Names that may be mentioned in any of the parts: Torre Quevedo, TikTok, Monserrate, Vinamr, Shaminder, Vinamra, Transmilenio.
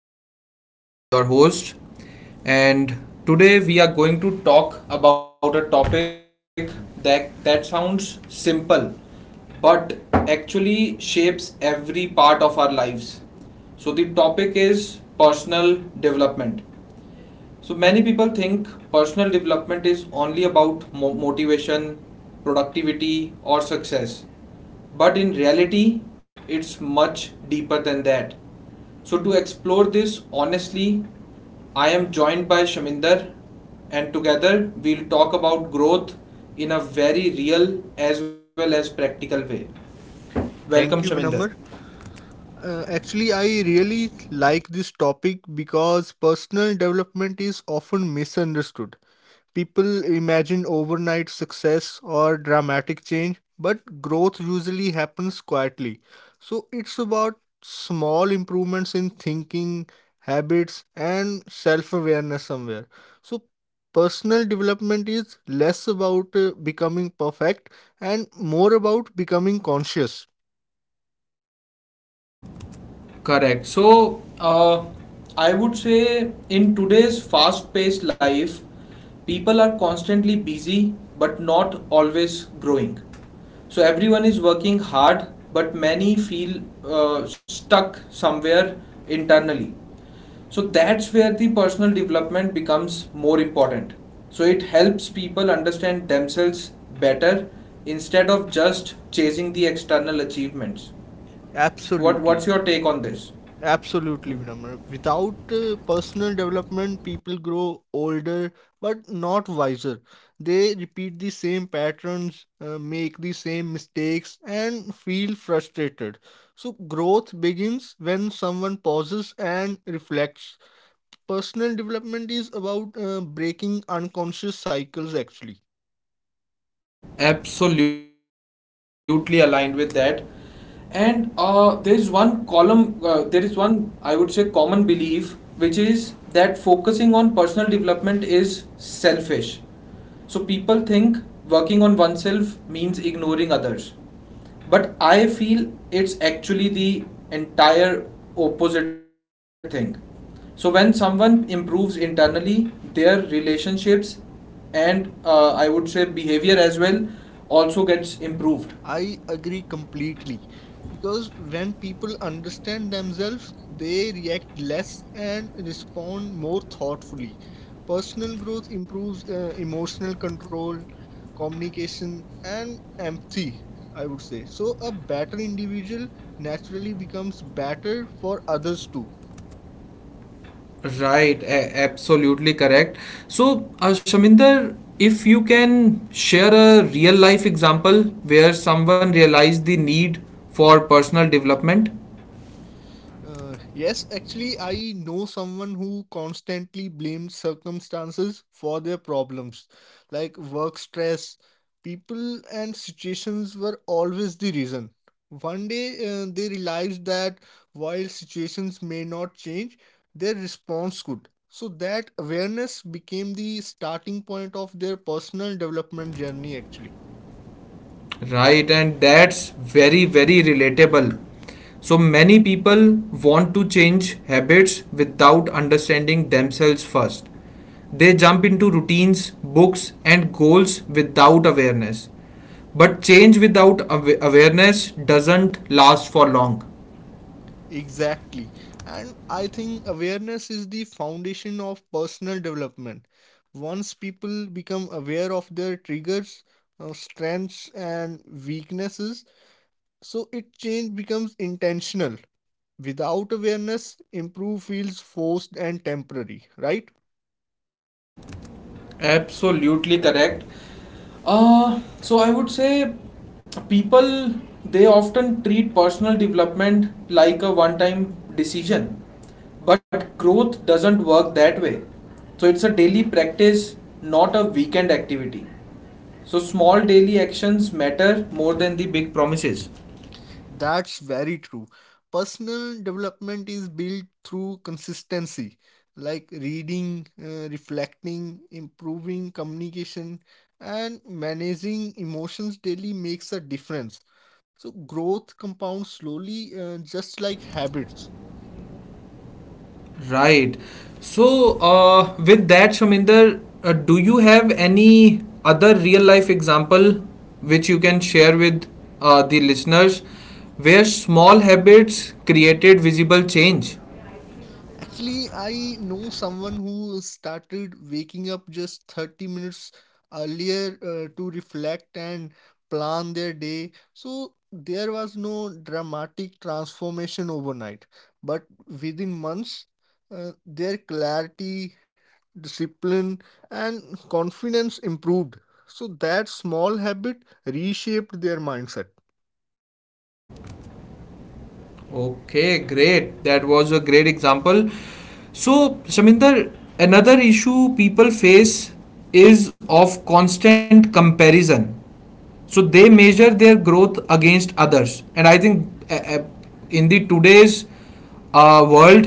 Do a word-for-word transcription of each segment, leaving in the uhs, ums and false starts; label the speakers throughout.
Speaker 1: am Vinamr, your host, and today we are going to talk about a topic that that sounds simple but actually shapes every part of our lives. So the topic is personal development. So many people think personal development is only about mo- motivation, productivity, or success. But in reality, it's much deeper than that. So to explore this honestly, I am joined by Shaminder and together we'll talk about growth in a very real as well as practical way. Welcome
Speaker 2: Thank
Speaker 1: Shaminder.
Speaker 2: you, Vinamr. Uh, actually, I really like this topic because personal development is often misunderstood. People imagine overnight success or dramatic change, but growth usually happens quietly. So, it's about small improvements in thinking, habits, and self awareness somewhere. So, personal development is less about uh, becoming perfect and more about becoming conscious.
Speaker 1: Correct. So, uh, I would say in today's fast paced life, people are constantly busy but not always growing. So, everyone is working hard, but many feel uh, stuck somewhere internally. So, that's where the personal development becomes more important. So, it helps people understand themselves better instead of just chasing the external achievements. What,
Speaker 2: Absolutely.
Speaker 1: what's your take on this?
Speaker 2: Absolutely, Vinamra. Without uh, personal development, people grow older but not wiser. They repeat the same patterns, uh, make the same mistakes, and feel frustrated. So, growth begins when someone pauses and reflects. Personal development is about uh, breaking unconscious cycles, actually.
Speaker 1: Absolutely aligned with that and uh, there is one column uh, there is one I would say common belief which is that focusing on personal development is selfish so people think working on oneself means ignoring others but I feel it's actually the entire opposite thing. So when someone improves internally, their relationships and uh, I would say behavior as well also gets improved.
Speaker 2: I agree completely because when people understand themselves, they react less and respond more thoughtfully. Personal growth improves uh, emotional control, communication, and empathy, I would say. So, a better individual naturally becomes better for others too.
Speaker 1: Right, a- absolutely correct. So, uh, Shaminder, if you can share a real life example where someone realized the need for personal development.
Speaker 2: Uh, yes, actually, I know someone who constantly blames circumstances for their problems, like work stress. People and situations were always the reason. One day, uh, they realized that while situations may not change, their response could. So, that awareness became the starting point of their personal development journey, actually.
Speaker 1: Right, and that's very, very relatable. So many people want to change habits without understanding themselves first. They jump into routines, books, and goals without awareness. But change without awa- awareness doesn't last for long.
Speaker 2: Exactly. And I think awareness is the foundation of personal development. Once people become aware of their triggers, uh, strengths, and weaknesses, so it change becomes intentional. Without awareness, improve feels forced and temporary, right?
Speaker 1: Absolutely correct. Uh, so I would say people they often treat personal development like a one time decision, but growth doesn't work that way. So it's a daily practice, not a weekend activity. So small daily actions matter more than the big promises.
Speaker 2: That's very true. Personal development is built through consistency, like reading, uh, reflecting, improving communication, and managing emotions daily makes a difference. So, growth compounds slowly, uh, just like habits.
Speaker 1: Right. So, uh, with that, Shaminder, uh, do you have any other real life example which you can share with uh, the listeners where small habits created visible change?
Speaker 2: Actually, I know someone who started waking up just thirty minutes earlier uh, to reflect and plan their day. So there was no dramatic transformation overnight, but within months, uh, their clarity, discipline, and confidence improved. So that small habit reshaped their mindset.
Speaker 1: Okay, great. That was a great example. So, Shaminder, another issue people face is of constant comparison so they measure their growth against others and I think uh, uh, in the today's uh, world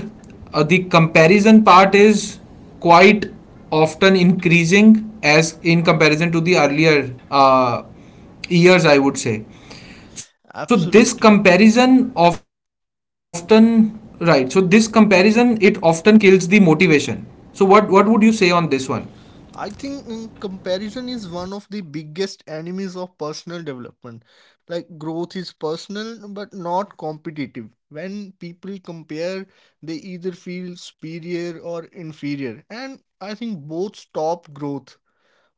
Speaker 1: uh, the comparison part is quite often increasing as in comparison to the earlier uh, years I would say so this
Speaker 2: Absolutely.
Speaker 1: comparison often right so this comparison it often kills the motivation so what what would you say on this one?
Speaker 2: I think mm, comparison is one of the biggest enemies of personal development. Like growth is personal but not competitive. When people compare, they either feel superior or inferior. And I think both stop growth.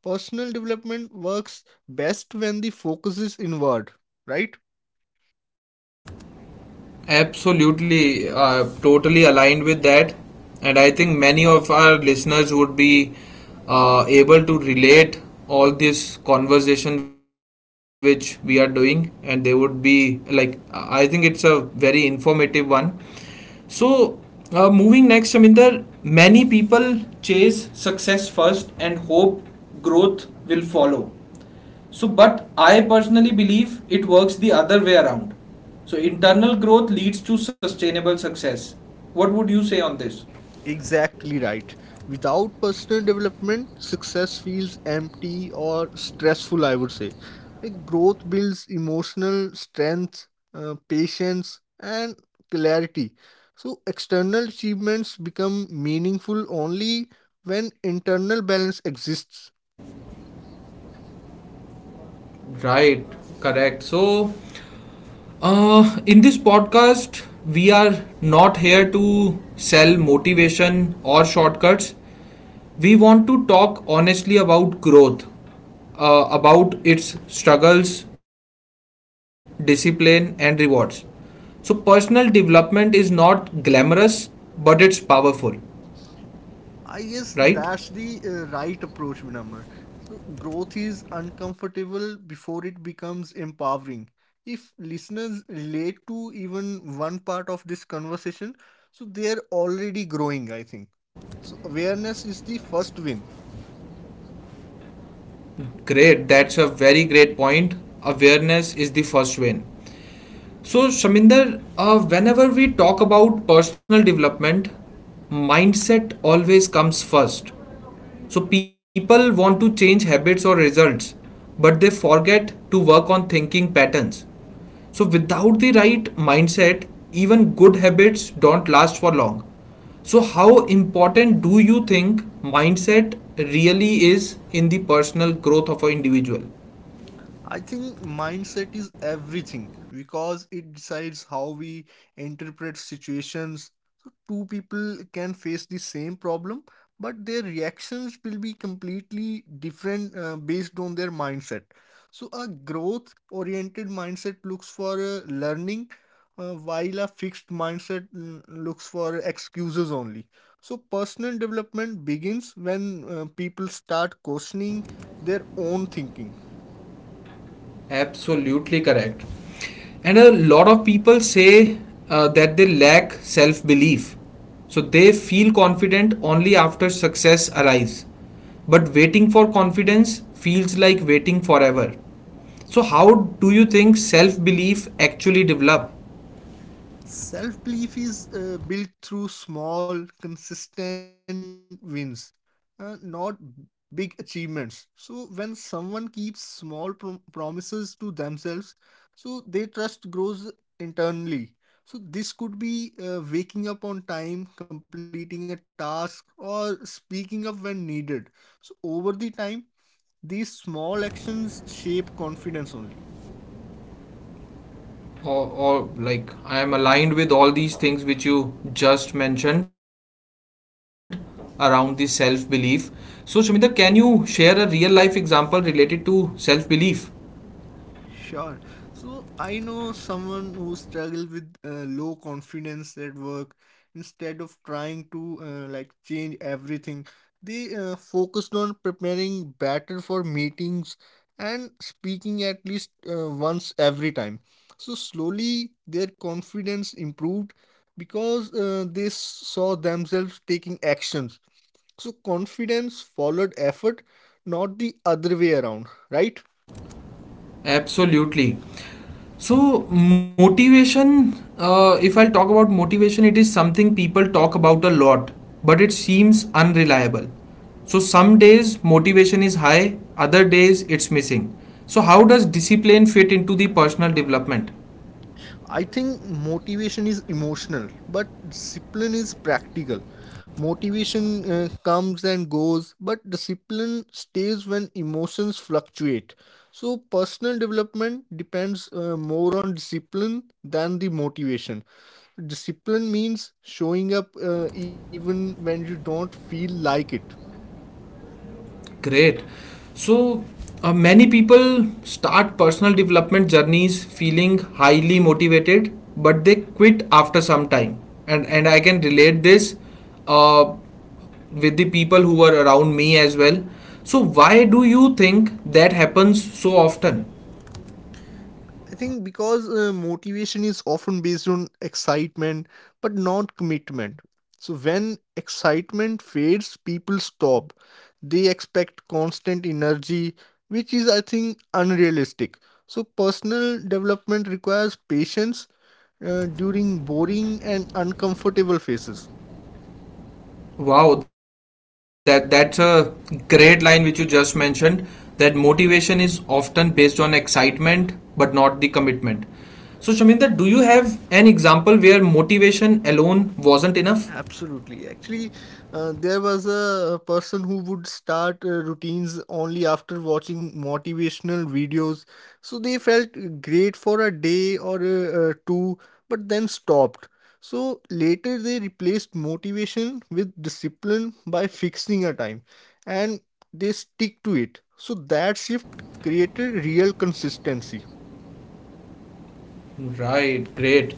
Speaker 2: Personal development works best when the focus is inward, right?
Speaker 1: Absolutely, uh, totally aligned with that. And I think many of our listeners would be uh, able to relate all this conversation which we are doing, and they would be like, I I think it's a very informative one. So, uh, moving next, Shaminder, many people chase success first and hope growth will follow. So, but I personally believe it works the other way around. So, internal growth leads to sustainable success. What would you say on this?
Speaker 2: Exactly right. Without personal development, success feels empty or stressful, I would say. Like growth builds emotional strength, uh, patience, and clarity. So, external achievements become meaningful only when internal balance exists.
Speaker 1: Right, correct. So, uh, in this podcast, we are not here to sell motivation or shortcuts. We want to talk honestly about growth, uh, about its struggles, discipline, and rewards. So, personal development is not glamorous, but it's powerful. Right?
Speaker 2: I guess that's the uh, right approach, Vinamr. So growth is uncomfortable before it becomes empowering. If listeners relate to even one part of this conversation, so they are already growing, I think. So awareness is the first win.
Speaker 1: Great, that's a very great point. Awareness is the first win. So, Shaminder, uh, whenever we talk about personal development, mindset always comes first. So, people want to change habits or results, but they forget to work on thinking patterns. So, without the right mindset, even good habits don't last for long. So, how important do you think mindset really is in the personal growth of an individual?
Speaker 2: I think mindset is everything because it decides how we interpret situations. So, two people can face the same problem, but their reactions will be completely different uh, based on their mindset. So, a growth oriented mindset looks for uh, learning, uh, while a fixed mindset mm, looks for excuses only. So, personal development begins when uh, people start questioning their own thinking.
Speaker 1: Absolutely correct. And a lot of people say uh, that they lack self belief. So they feel confident only after success arrives. But waiting for confidence feels like waiting forever. So, how do you think self belief actually develop?
Speaker 2: Self belief is uh, built through small, consistent wins, uh, not big achievements. So, when someone keeps small prom- promises to themselves, so their trust grows internally. So, this could be uh, waking up on time, completing a task, or speaking up when needed. So, over the time, these small actions shape confidence only.
Speaker 1: Or, or, like, I am aligned with all these things which you just mentioned around the self belief. So, Shaminder, can you share a real life example related to self belief?
Speaker 2: Sure. So I know someone who struggled with uh, low confidence at work. Instead of trying to uh, like change everything, they uh, focused on preparing better for meetings and speaking at least uh, once every time. So slowly their confidence improved because uh, they s- saw themselves taking actions. So confidence followed effort, not the other way around, right?
Speaker 1: Absolutely. So, motivation, uh, if I'll talk about motivation, it is something people talk about a lot, but it seems unreliable. So, some days motivation is high, other days it's missing. So, how does discipline fit into the personal development?
Speaker 2: I think motivation is emotional, but discipline is practical. Motivation uh, comes and goes, but discipline stays when emotions fluctuate. So, personal development depends uh, more on discipline than the motivation. Discipline means showing up uh, even when you don't feel like it.
Speaker 1: Great. So uh, many people start personal development journeys feeling highly motivated, but they quit after some time. And and I can relate this uh, with the people who are around me as well. So why do you think that happens so often?
Speaker 2: I think because uh, motivation is often based on excitement but not commitment. So when excitement fades, people stop. They expect constant energy, which is, I think, unrealistic. So personal development requires patience uh, during boring and uncomfortable phases.
Speaker 1: Wow, that that's a great line which you just mentioned that motivation is often based on excitement but not the commitment. So Shaminda, do you have an example where motivation alone wasn't enough?
Speaker 2: Absolutely. Actually, uh, there was a person who would start uh, routines only after watching motivational videos. So they felt great for a day or uh, uh, two, but then stopped. So later they replaced motivation with discipline by fixing a time and they stick to it. So that shift created real consistency.
Speaker 1: Right, great.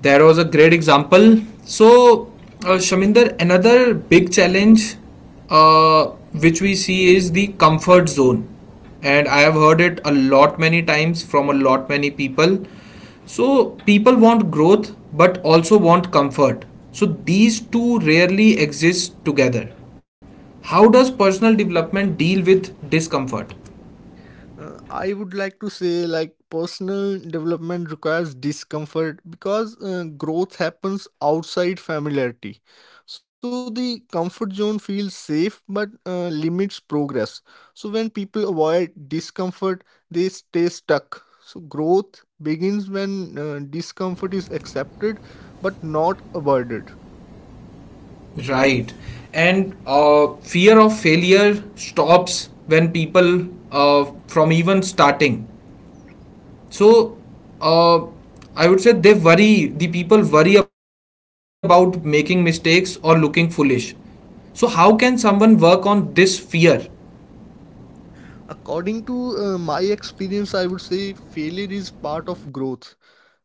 Speaker 1: That was a great example. So, uh, Shaminder, another big challenge uh, which we see is the comfort zone. And I have heard it a lot many times from a lot many people. So, people want growth but also want comfort. So, these two rarely exist together. How does personal development deal with discomfort?
Speaker 2: Uh, I would like to say, like, personal development requires discomfort because uh, growth happens outside familiarity. So the comfort zone feels safe but uh, limits progress. So when people avoid discomfort, they stay stuck. So growth begins when uh, discomfort is accepted but not avoided.
Speaker 1: Right. And uh, fear of failure stops when people uh, from even starting. So uh, I would say they worry, the people worry about making mistakes or looking foolish. So, how can someone work on this fear?
Speaker 2: According to uh, my experience, I would say failure is part of growth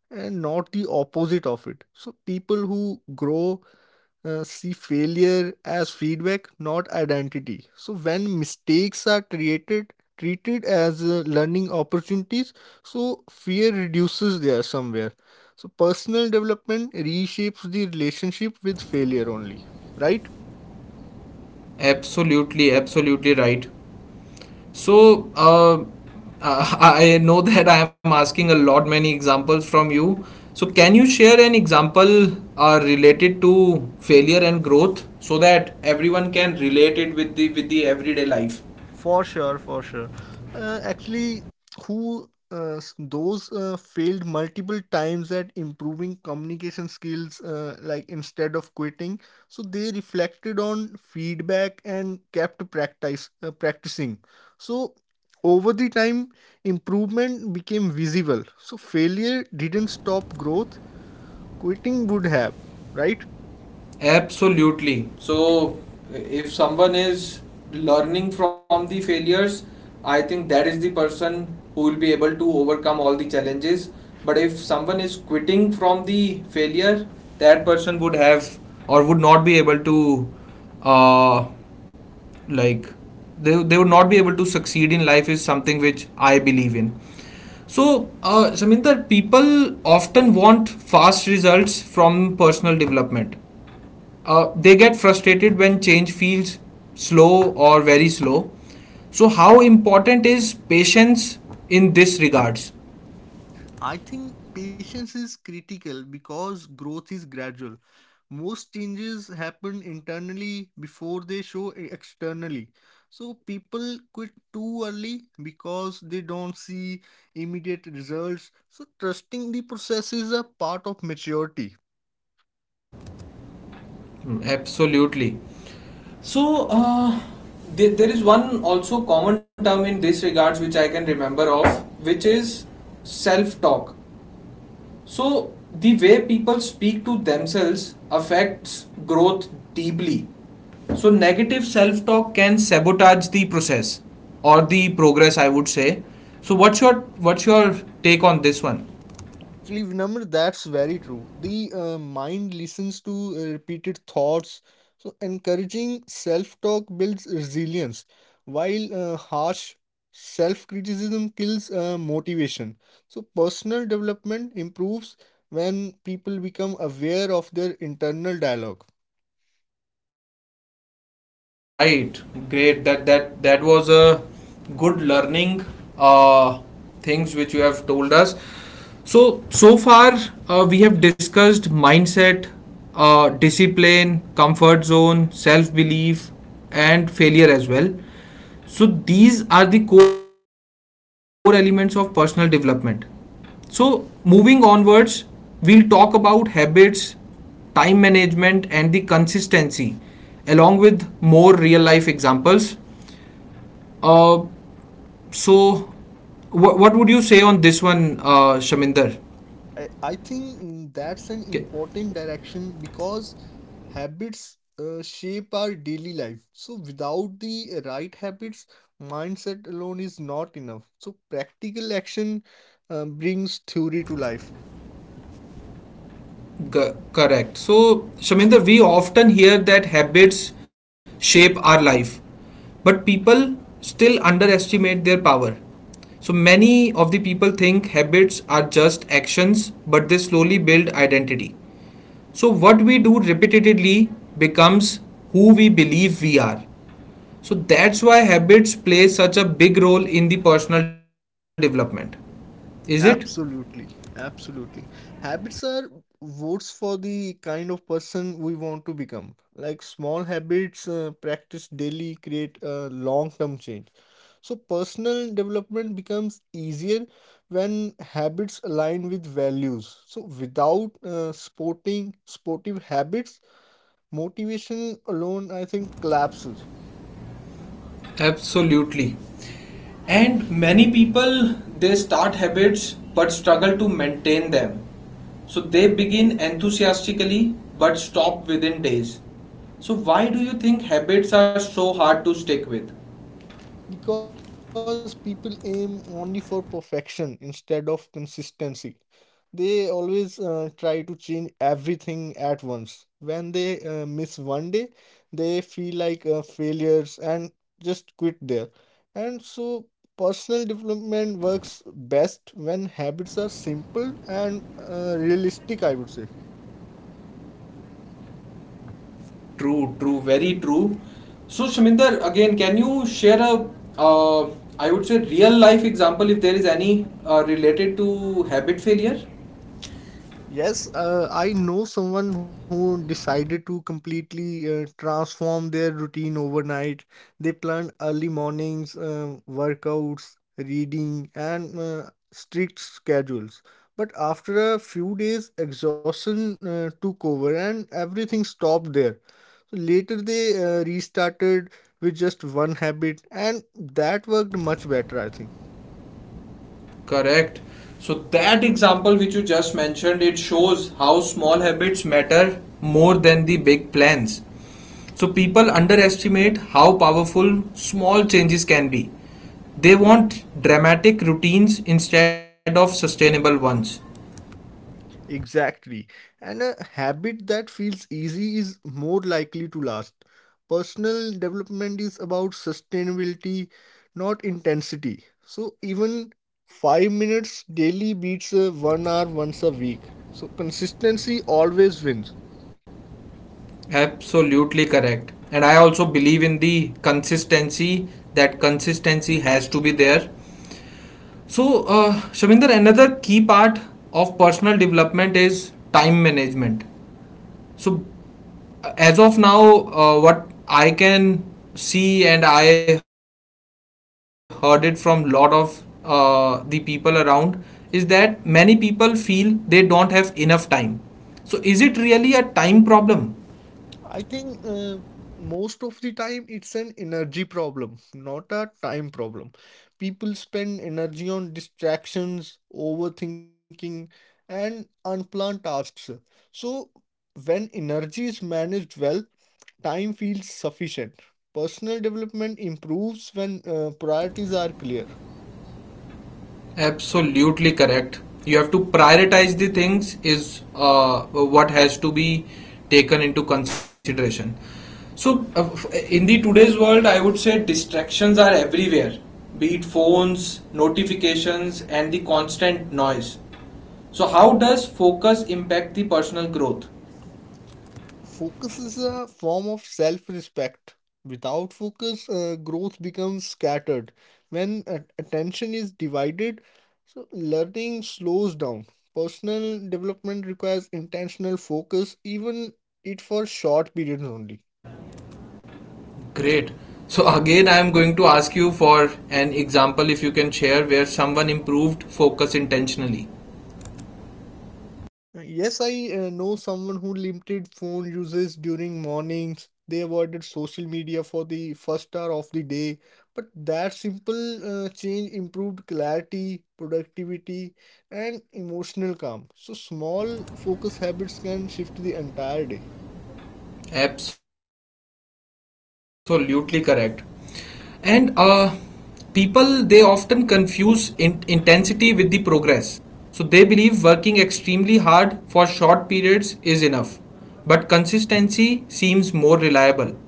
Speaker 2: and not the opposite of it. So people who grow uh, see failure as feedback, not identity. So when mistakes are created, treated as uh, learning opportunities, so fear reduces there somewhere. So personal development reshapes the relationship with failure only, right?
Speaker 1: Absolutely, absolutely right. So uh, I I know that I am asking a lot many examples from you. So can you share an example uh, related to failure and growth so that everyone can relate it with the with the everyday life?
Speaker 2: For sure, for sure. Uh, actually, who uh, s- those uh, failed multiple times at improving communication skills, uh, like instead of quitting, so they reflected on feedback and kept practice uh, practicing. So over the time, improvement became visible. So failure didn't stop growth. Quitting would have, right?
Speaker 1: Absolutely. So, if someone is learning from the failures, I think that is the person who will be able to overcome all the challenges. But if someone is quitting from the failure, that person would have or would not be able to, uh, like, they, they would not be able to succeed in life, is something which I believe in. So, uh, Saminder, people often want fast results from personal development uh, they get frustrated when change feels slow or very slow so how important is patience in this regards?
Speaker 2: I think patience is critical because growth is gradual. Most changes happen internally before they show e- externally. So people quit too early because they don't see immediate results. So trusting the process is a part of maturity.
Speaker 1: Absolutely. So uh, there, there is one also common term in this regards which I can remember of which is self talk. So the way people speak to themselves affects growth deeply. So negative self-talk can sabotage the process or the progress I would say. So what's your what's your take on this one?
Speaker 2: Actually, Vinamr, that's very true. The uh, mind listens to uh, repeated thoughts. So, encouraging self talk builds resilience, while uh, harsh self criticism kills uh, motivation. So, personal development improves when people become aware of their internal dialogue.
Speaker 1: Right, great. That that that was a good learning uh, things which you have told us. So so far uh, we have discussed mindset, uh, discipline, comfort zone, self belief, and failure as well. So these are the core elements of personal development. So, moving onwards, we'll talk about habits, time management, and the consistency, along with more real life examples. Uh, so, wh- what would you say on this one, uh, Shaminder?
Speaker 2: I, I think mm, that's an
Speaker 1: Okay.
Speaker 2: important direction because habits uh, shape our daily life. So, without the right habits, mindset alone is not enough. So, practical action uh, brings theory to life.
Speaker 1: G- correct. So, Shaminder, we often hear that habits shape our life, but people still underestimate their power. So, many of the people think habits are just actions, but they slowly build identity. So, what we do repeatedly becomes who we believe we are. So, that's why habits play such a big role in the personal development. Is it?
Speaker 2: Absolutely, absolutely. Habits are votes for the kind of person we want to become. Like small habits uh, practiced daily create a long-term change. So personal development becomes easier when habits align with values. So without uh, sporting sportive habits, motivation alone I think collapses.
Speaker 1: Absolutely. And many people they start habits but struggle to maintain them. So they begin enthusiastically but stop within days. So why do you think habits are so hard to stick with?
Speaker 2: Because people aim only for perfection instead of consistency. They always uh, try to change everything at once. When they uh, miss one day, they feel like uh, failures and just quit there. And so, personal development works best when habits are simple and uh, realistic, I would say.
Speaker 1: True, true, very true. So Shaminder, again, can you share a uh, I would say real life example if there is any uh, related to habit failure?
Speaker 2: Yes, uh, I know someone who decided to completely uh, transform their routine overnight. They planned early mornings, um, workouts, reading, and uh, strict schedules. But after a few days, exhaustion uh, took over and everything stopped there. So later, they uh, restarted with just one habit, and that worked much better, I think.
Speaker 1: Correct. So that example which you just mentioned, it shows how small habits matter more than the big plans. So people underestimate how powerful small changes can be. They want dramatic routines instead of sustainable ones.
Speaker 2: Exactly. And a habit that feels easy is more likely to last. Personal development is about sustainability, not intensity. So even five minutes daily beats a one hour once a week. So consistency always wins.
Speaker 1: Absolutely correct. And I also believe in the consistency that consistency has to be there. So, uh, Shaminder, another key part of personal development is time management. So uh, as of now uh, what I can see and I heard it from lot of uh, the people around is that many people feel they don't have enough time so is it really a time problem?
Speaker 2: I think uh, most of the time it's an energy problem, not a time problem. People spend energy on distractions, overthinking, and unplanned tasks. So, when energy is managed well, time feels sufficient. Personal development improves when uh, priorities are clear.
Speaker 1: Absolutely correct. You have to prioritize the things is uh, what has to be taken into consideration. So uh, f- in the today's world, I would say distractions are everywhere, be it phones, notifications, and the constant noise. So how does focus impact the personal growth?
Speaker 2: Focus is a form of self respect. Without focus, uh, growth becomes scattered. When uh, attention is divided, so learning slows down. Personal development requires intentional focus, even it for short periods only.
Speaker 1: Great. So again, I am going to ask you for an example if you can share where someone improved focus intentionally.
Speaker 2: Uh, Yes, I uh, know someone who limited phone uses during mornings. They avoided social media for the first hour of the day. But that simple uh, change improved clarity, productivity, and emotional calm. So small focus habits can shift the entire day.
Speaker 1: Absolutely correct. And uh, people they often confuse in- intensity with the progress. So they believe working extremely hard for short periods is enough, but consistency seems more reliable.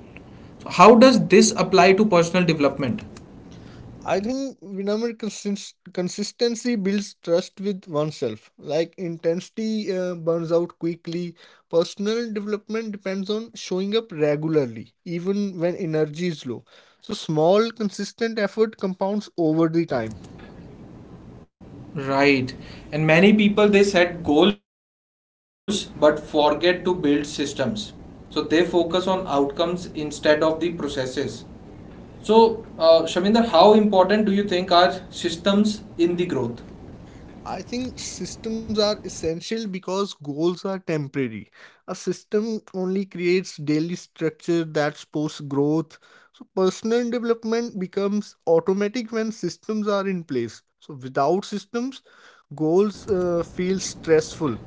Speaker 1: So how does this apply to personal development?
Speaker 2: I think remember consist- consistency builds trust with oneself. Like intensity uh, burns out quickly. Personal development depends on showing up regularly, even when energy is low. So small, consistent effort compounds over the time.
Speaker 1: Right. And many people they set goals but forget to build systems. So they focus on outcomes instead of the processes. So, uh, Shaminder, how important do you think are systems in the growth?
Speaker 2: I think systems are essential because goals are temporary. A system only creates daily structure that supports growth. So personal development becomes automatic when systems are in place. So without systems, goals uh, feel stressful.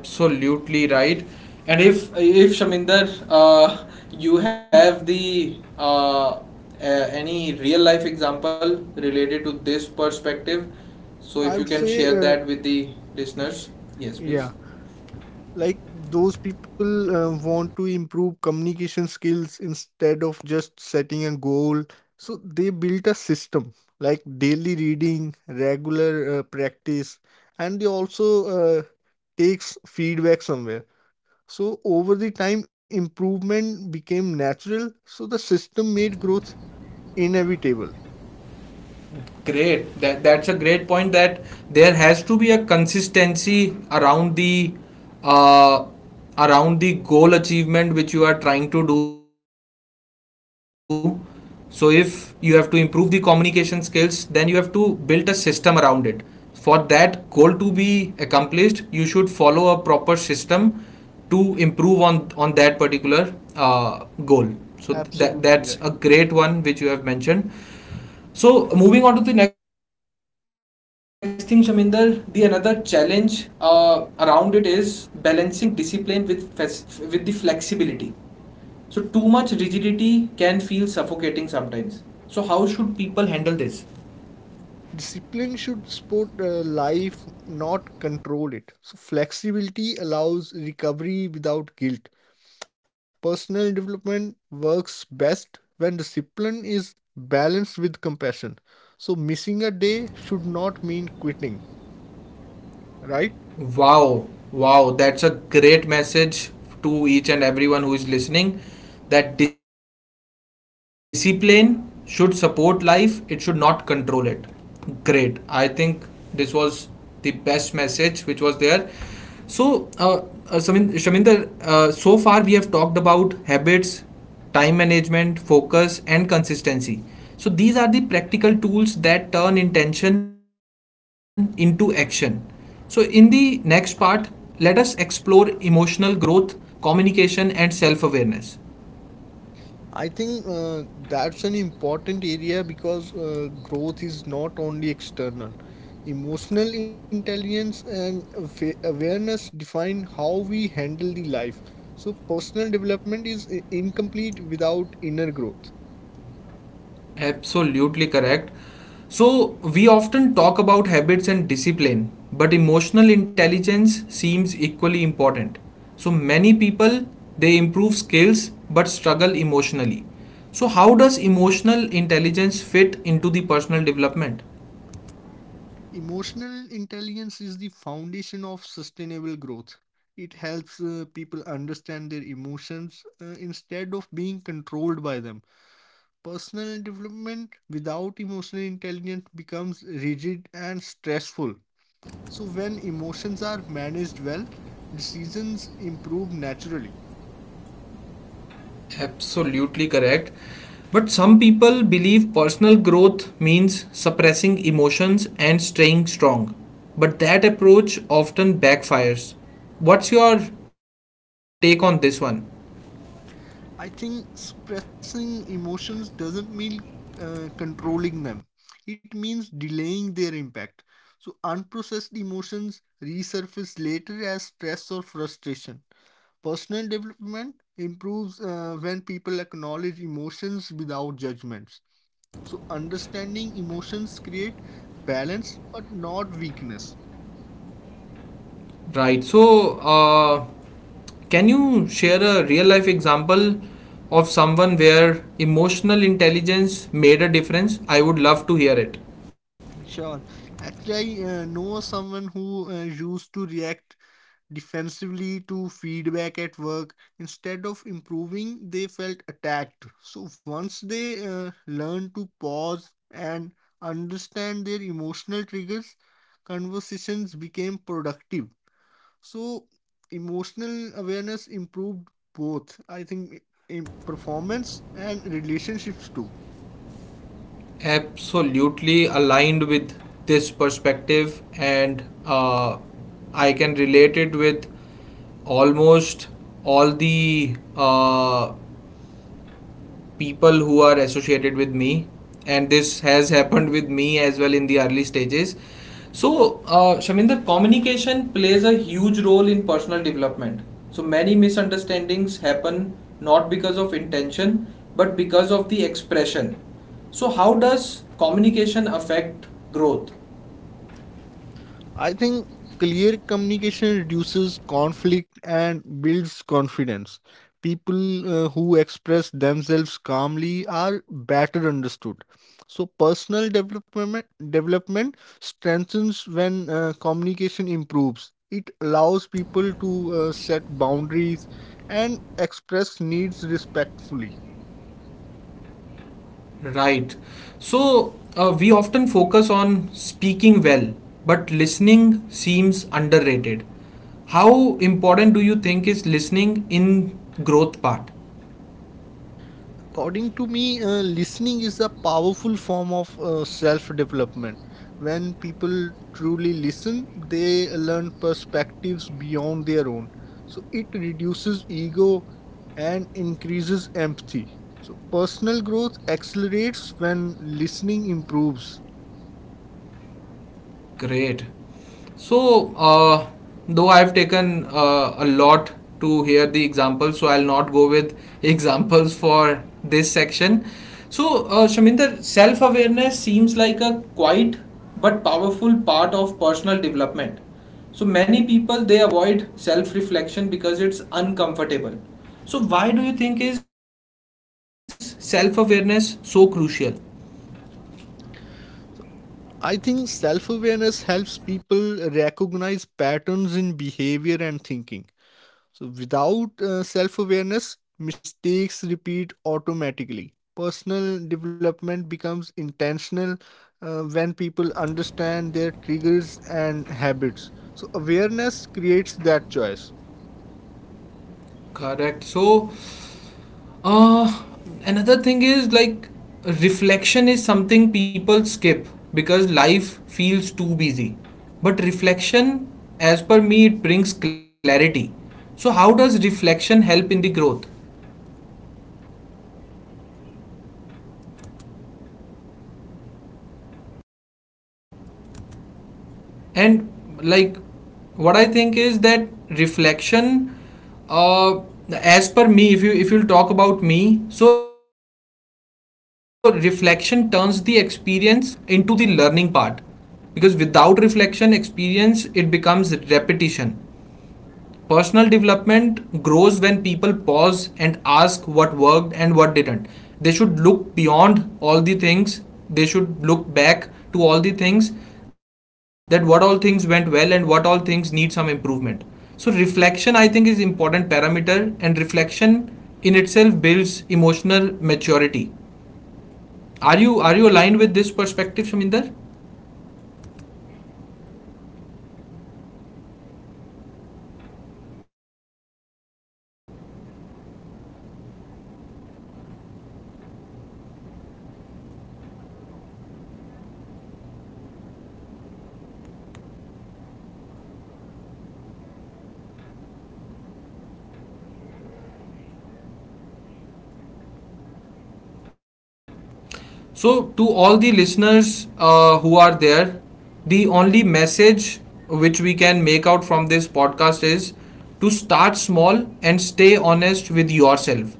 Speaker 1: Absolutely right. And if if Shaminder, uh, you have the uh, uh, any real life example related to this perspective, so if
Speaker 2: I
Speaker 1: you
Speaker 2: would
Speaker 1: can
Speaker 2: say,
Speaker 1: share
Speaker 2: uh,
Speaker 1: that with the listeners, yes,
Speaker 2: yeah.
Speaker 1: please.
Speaker 2: Like those people uh, want to improve communication skills instead of just setting a goal, so they built a system like daily reading, regular uh, practice, and they also uh, takes feedback somewhere. So over the time improvement became natural. So the system made growth inevitable.
Speaker 1: Great. That that's a great point. That there has to be a consistency around the uh, around the goal achievement which you are trying to do. So if you have to improve the communication skills, then you have to build a system around it. For that goal to be accomplished, you should follow a proper system to improve on on that particular uh, goal. So th- that that's a
Speaker 2: Absolutely
Speaker 1: great
Speaker 2: right.
Speaker 1: one which you have mentioned. So moving on to the next thing, Shaminder, the another challenge uh, around it is balancing discipline with with the flexibility. So too much rigidity can feel suffocating sometimes. So how should people handle this?
Speaker 2: Discipline should support uh, life, not control it. So, flexibility allows recovery without guilt. Personal development works best when discipline is balanced with compassion. So, missing a day should not mean quitting, right?
Speaker 1: Wow, wow, that's a great message to each and everyone who is listening, that discipline should support life, it should not control it. Great. I think this was the best message which was there. So, uh, uh, Samin- Shaminder, uh, so far we have talked about habits, time management, focus, and consistency. So, these are the practical tools that turn intention into action. So, in the next part, let us explore emotional growth, communication, and self awareness.
Speaker 2: I think uh, that's an important area because uh, growth is not only external. Emotional intelligence and afa- awareness define how we handle the life. So personal development is i- incomplete without inner growth.
Speaker 1: Absolutely correct. So, we often talk about habits and discipline, but emotional intelligence seems equally important. So, many people, they improve skills but struggle emotionally. So, how does emotional intelligence fit into the personal development?
Speaker 2: Emotional intelligence is the foundation of sustainable growth. It helps uh, people understand their emotions uh, instead of being controlled by them. Personal development without emotional intelligence becomes rigid and stressful. So, when emotions are managed well, decisions improve naturally.
Speaker 1: Absolutely correct. But some people believe personal growth means suppressing emotions and staying strong. But that approach often backfires. What's your take on this one?
Speaker 2: I think suppressing emotions doesn't mean uh, controlling them, it means delaying their impact. So, unprocessed emotions resurface later as stress or frustration. Personal development improves uh, when people acknowledge emotions without judgments. So understanding emotions create balance but not weakness.
Speaker 1: Right. So, uh, can you share a real life example of someone where emotional intelligence made a difference? I would love to hear it.
Speaker 2: Sure. Actually, I uh, know someone who uh, used to react defensively to feedback at work. Instead of improving, they felt attacked. So once they uh, learn to pause and understand their emotional triggers, conversations became productive. So emotional awareness improved both, I think, in performance and relationships too.
Speaker 1: Absolutely aligned with this perspective, and uh, I can relate it with almost all the uh, people who are associated with me, and this has happened with me as well in the early stages. So, uh, Shaminder, communication plays a huge role in personal development. So many misunderstandings happen not because of intention but because of the expression. So how does communication affect growth?
Speaker 2: I think clear communication reduces conflict and builds confidence. People uh, who express themselves calmly are better understood. So personal development development strengthens when uh, communication improves. It allows people to uh, set boundaries and express needs respectfully.
Speaker 1: Right. So, uh, we often focus on speaking well, but listening seems underrated. How important do you think is listening in growth part?
Speaker 2: According to me, uh, listening is a powerful form of uh, self development. When people truly listen, they learn perspectives beyond their own. So it reduces ego and increases empathy. So personal growth accelerates when listening improves.
Speaker 1: Great. So, uh, though I've taken uh, a lot to hear the examples, so I'll not go with examples for this section. So, uh, Shaminder, self awareness seems like a quiet but powerful part of personal development. So, many people, they avoid self reflection because it's uncomfortable. So, why do you think is self awareness so crucial?
Speaker 2: So, I think self awareness helps people recognize patterns in behavior and thinking. So, without uh, self awareness, mistakes repeat automatically. Personal development becomes intentional uh, when people understand their triggers and habits. So, awareness creates that choice.
Speaker 1: Correct. So, uh, another thing is like reflection is something people skip because life feels too busy. But reflection, as per me, it brings clarity. So, how does reflection help in the growth?
Speaker 2: I would say uh, reflection turns experience into learning. Like, without reflection, experience becomes
Speaker 1: And
Speaker 2: repetition.
Speaker 1: like, what I think is that reflection, uh, as per me, if you if you'll talk about me, so reflection turns the experience into the learning part, because without reflection
Speaker 2: A-
Speaker 1: experience it becomes repetition. Personal development
Speaker 2: Absolutely.
Speaker 1: grows when people pause and ask what worked and what didn't. They should look beyond all the things, they should look back to all the things, that what all things went well and what all things need some improvement. So reflection I think is important parameter, and reflection in itself builds emotional maturity. Are you are you aligned with this perspective, Shaminder?
Speaker 2: Absolutely, absolutely. Uh, because personal development uh, grows when people pause and ask what worked and what didn't. So reflection uh, builds emotional maturity there, right?
Speaker 1: So, to all the listeners uh, who are there, the only message which we can make out from this podcast is to start small and stay honest with yourself.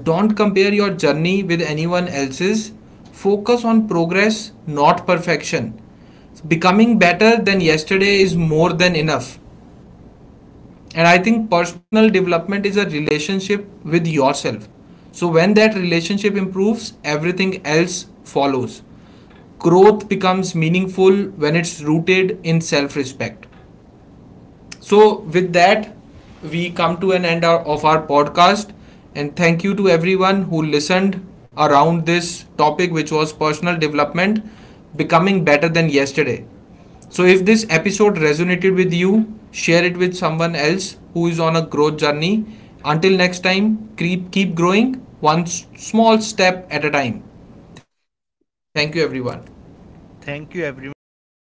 Speaker 1: Don't compare your journey with anyone else's. Focus on progress, not perfection. Becoming better than yesterday is more than enough. And I think personal development is a relationship with yourself. So when that relationship improves, everything else follows. Growth becomes meaningful when it's rooted in self respect. So, with that, we come to an end of our podcast. And thank you to everyone who listened around this topic, which was personal development, becoming better than yesterday. So, if this episode resonated with you, share it with someone else who is on a growth journey. Until next time, keep, keep growing one s- small step at a time. Thank you, everyone.
Speaker 2: Thank you, everyone. Thank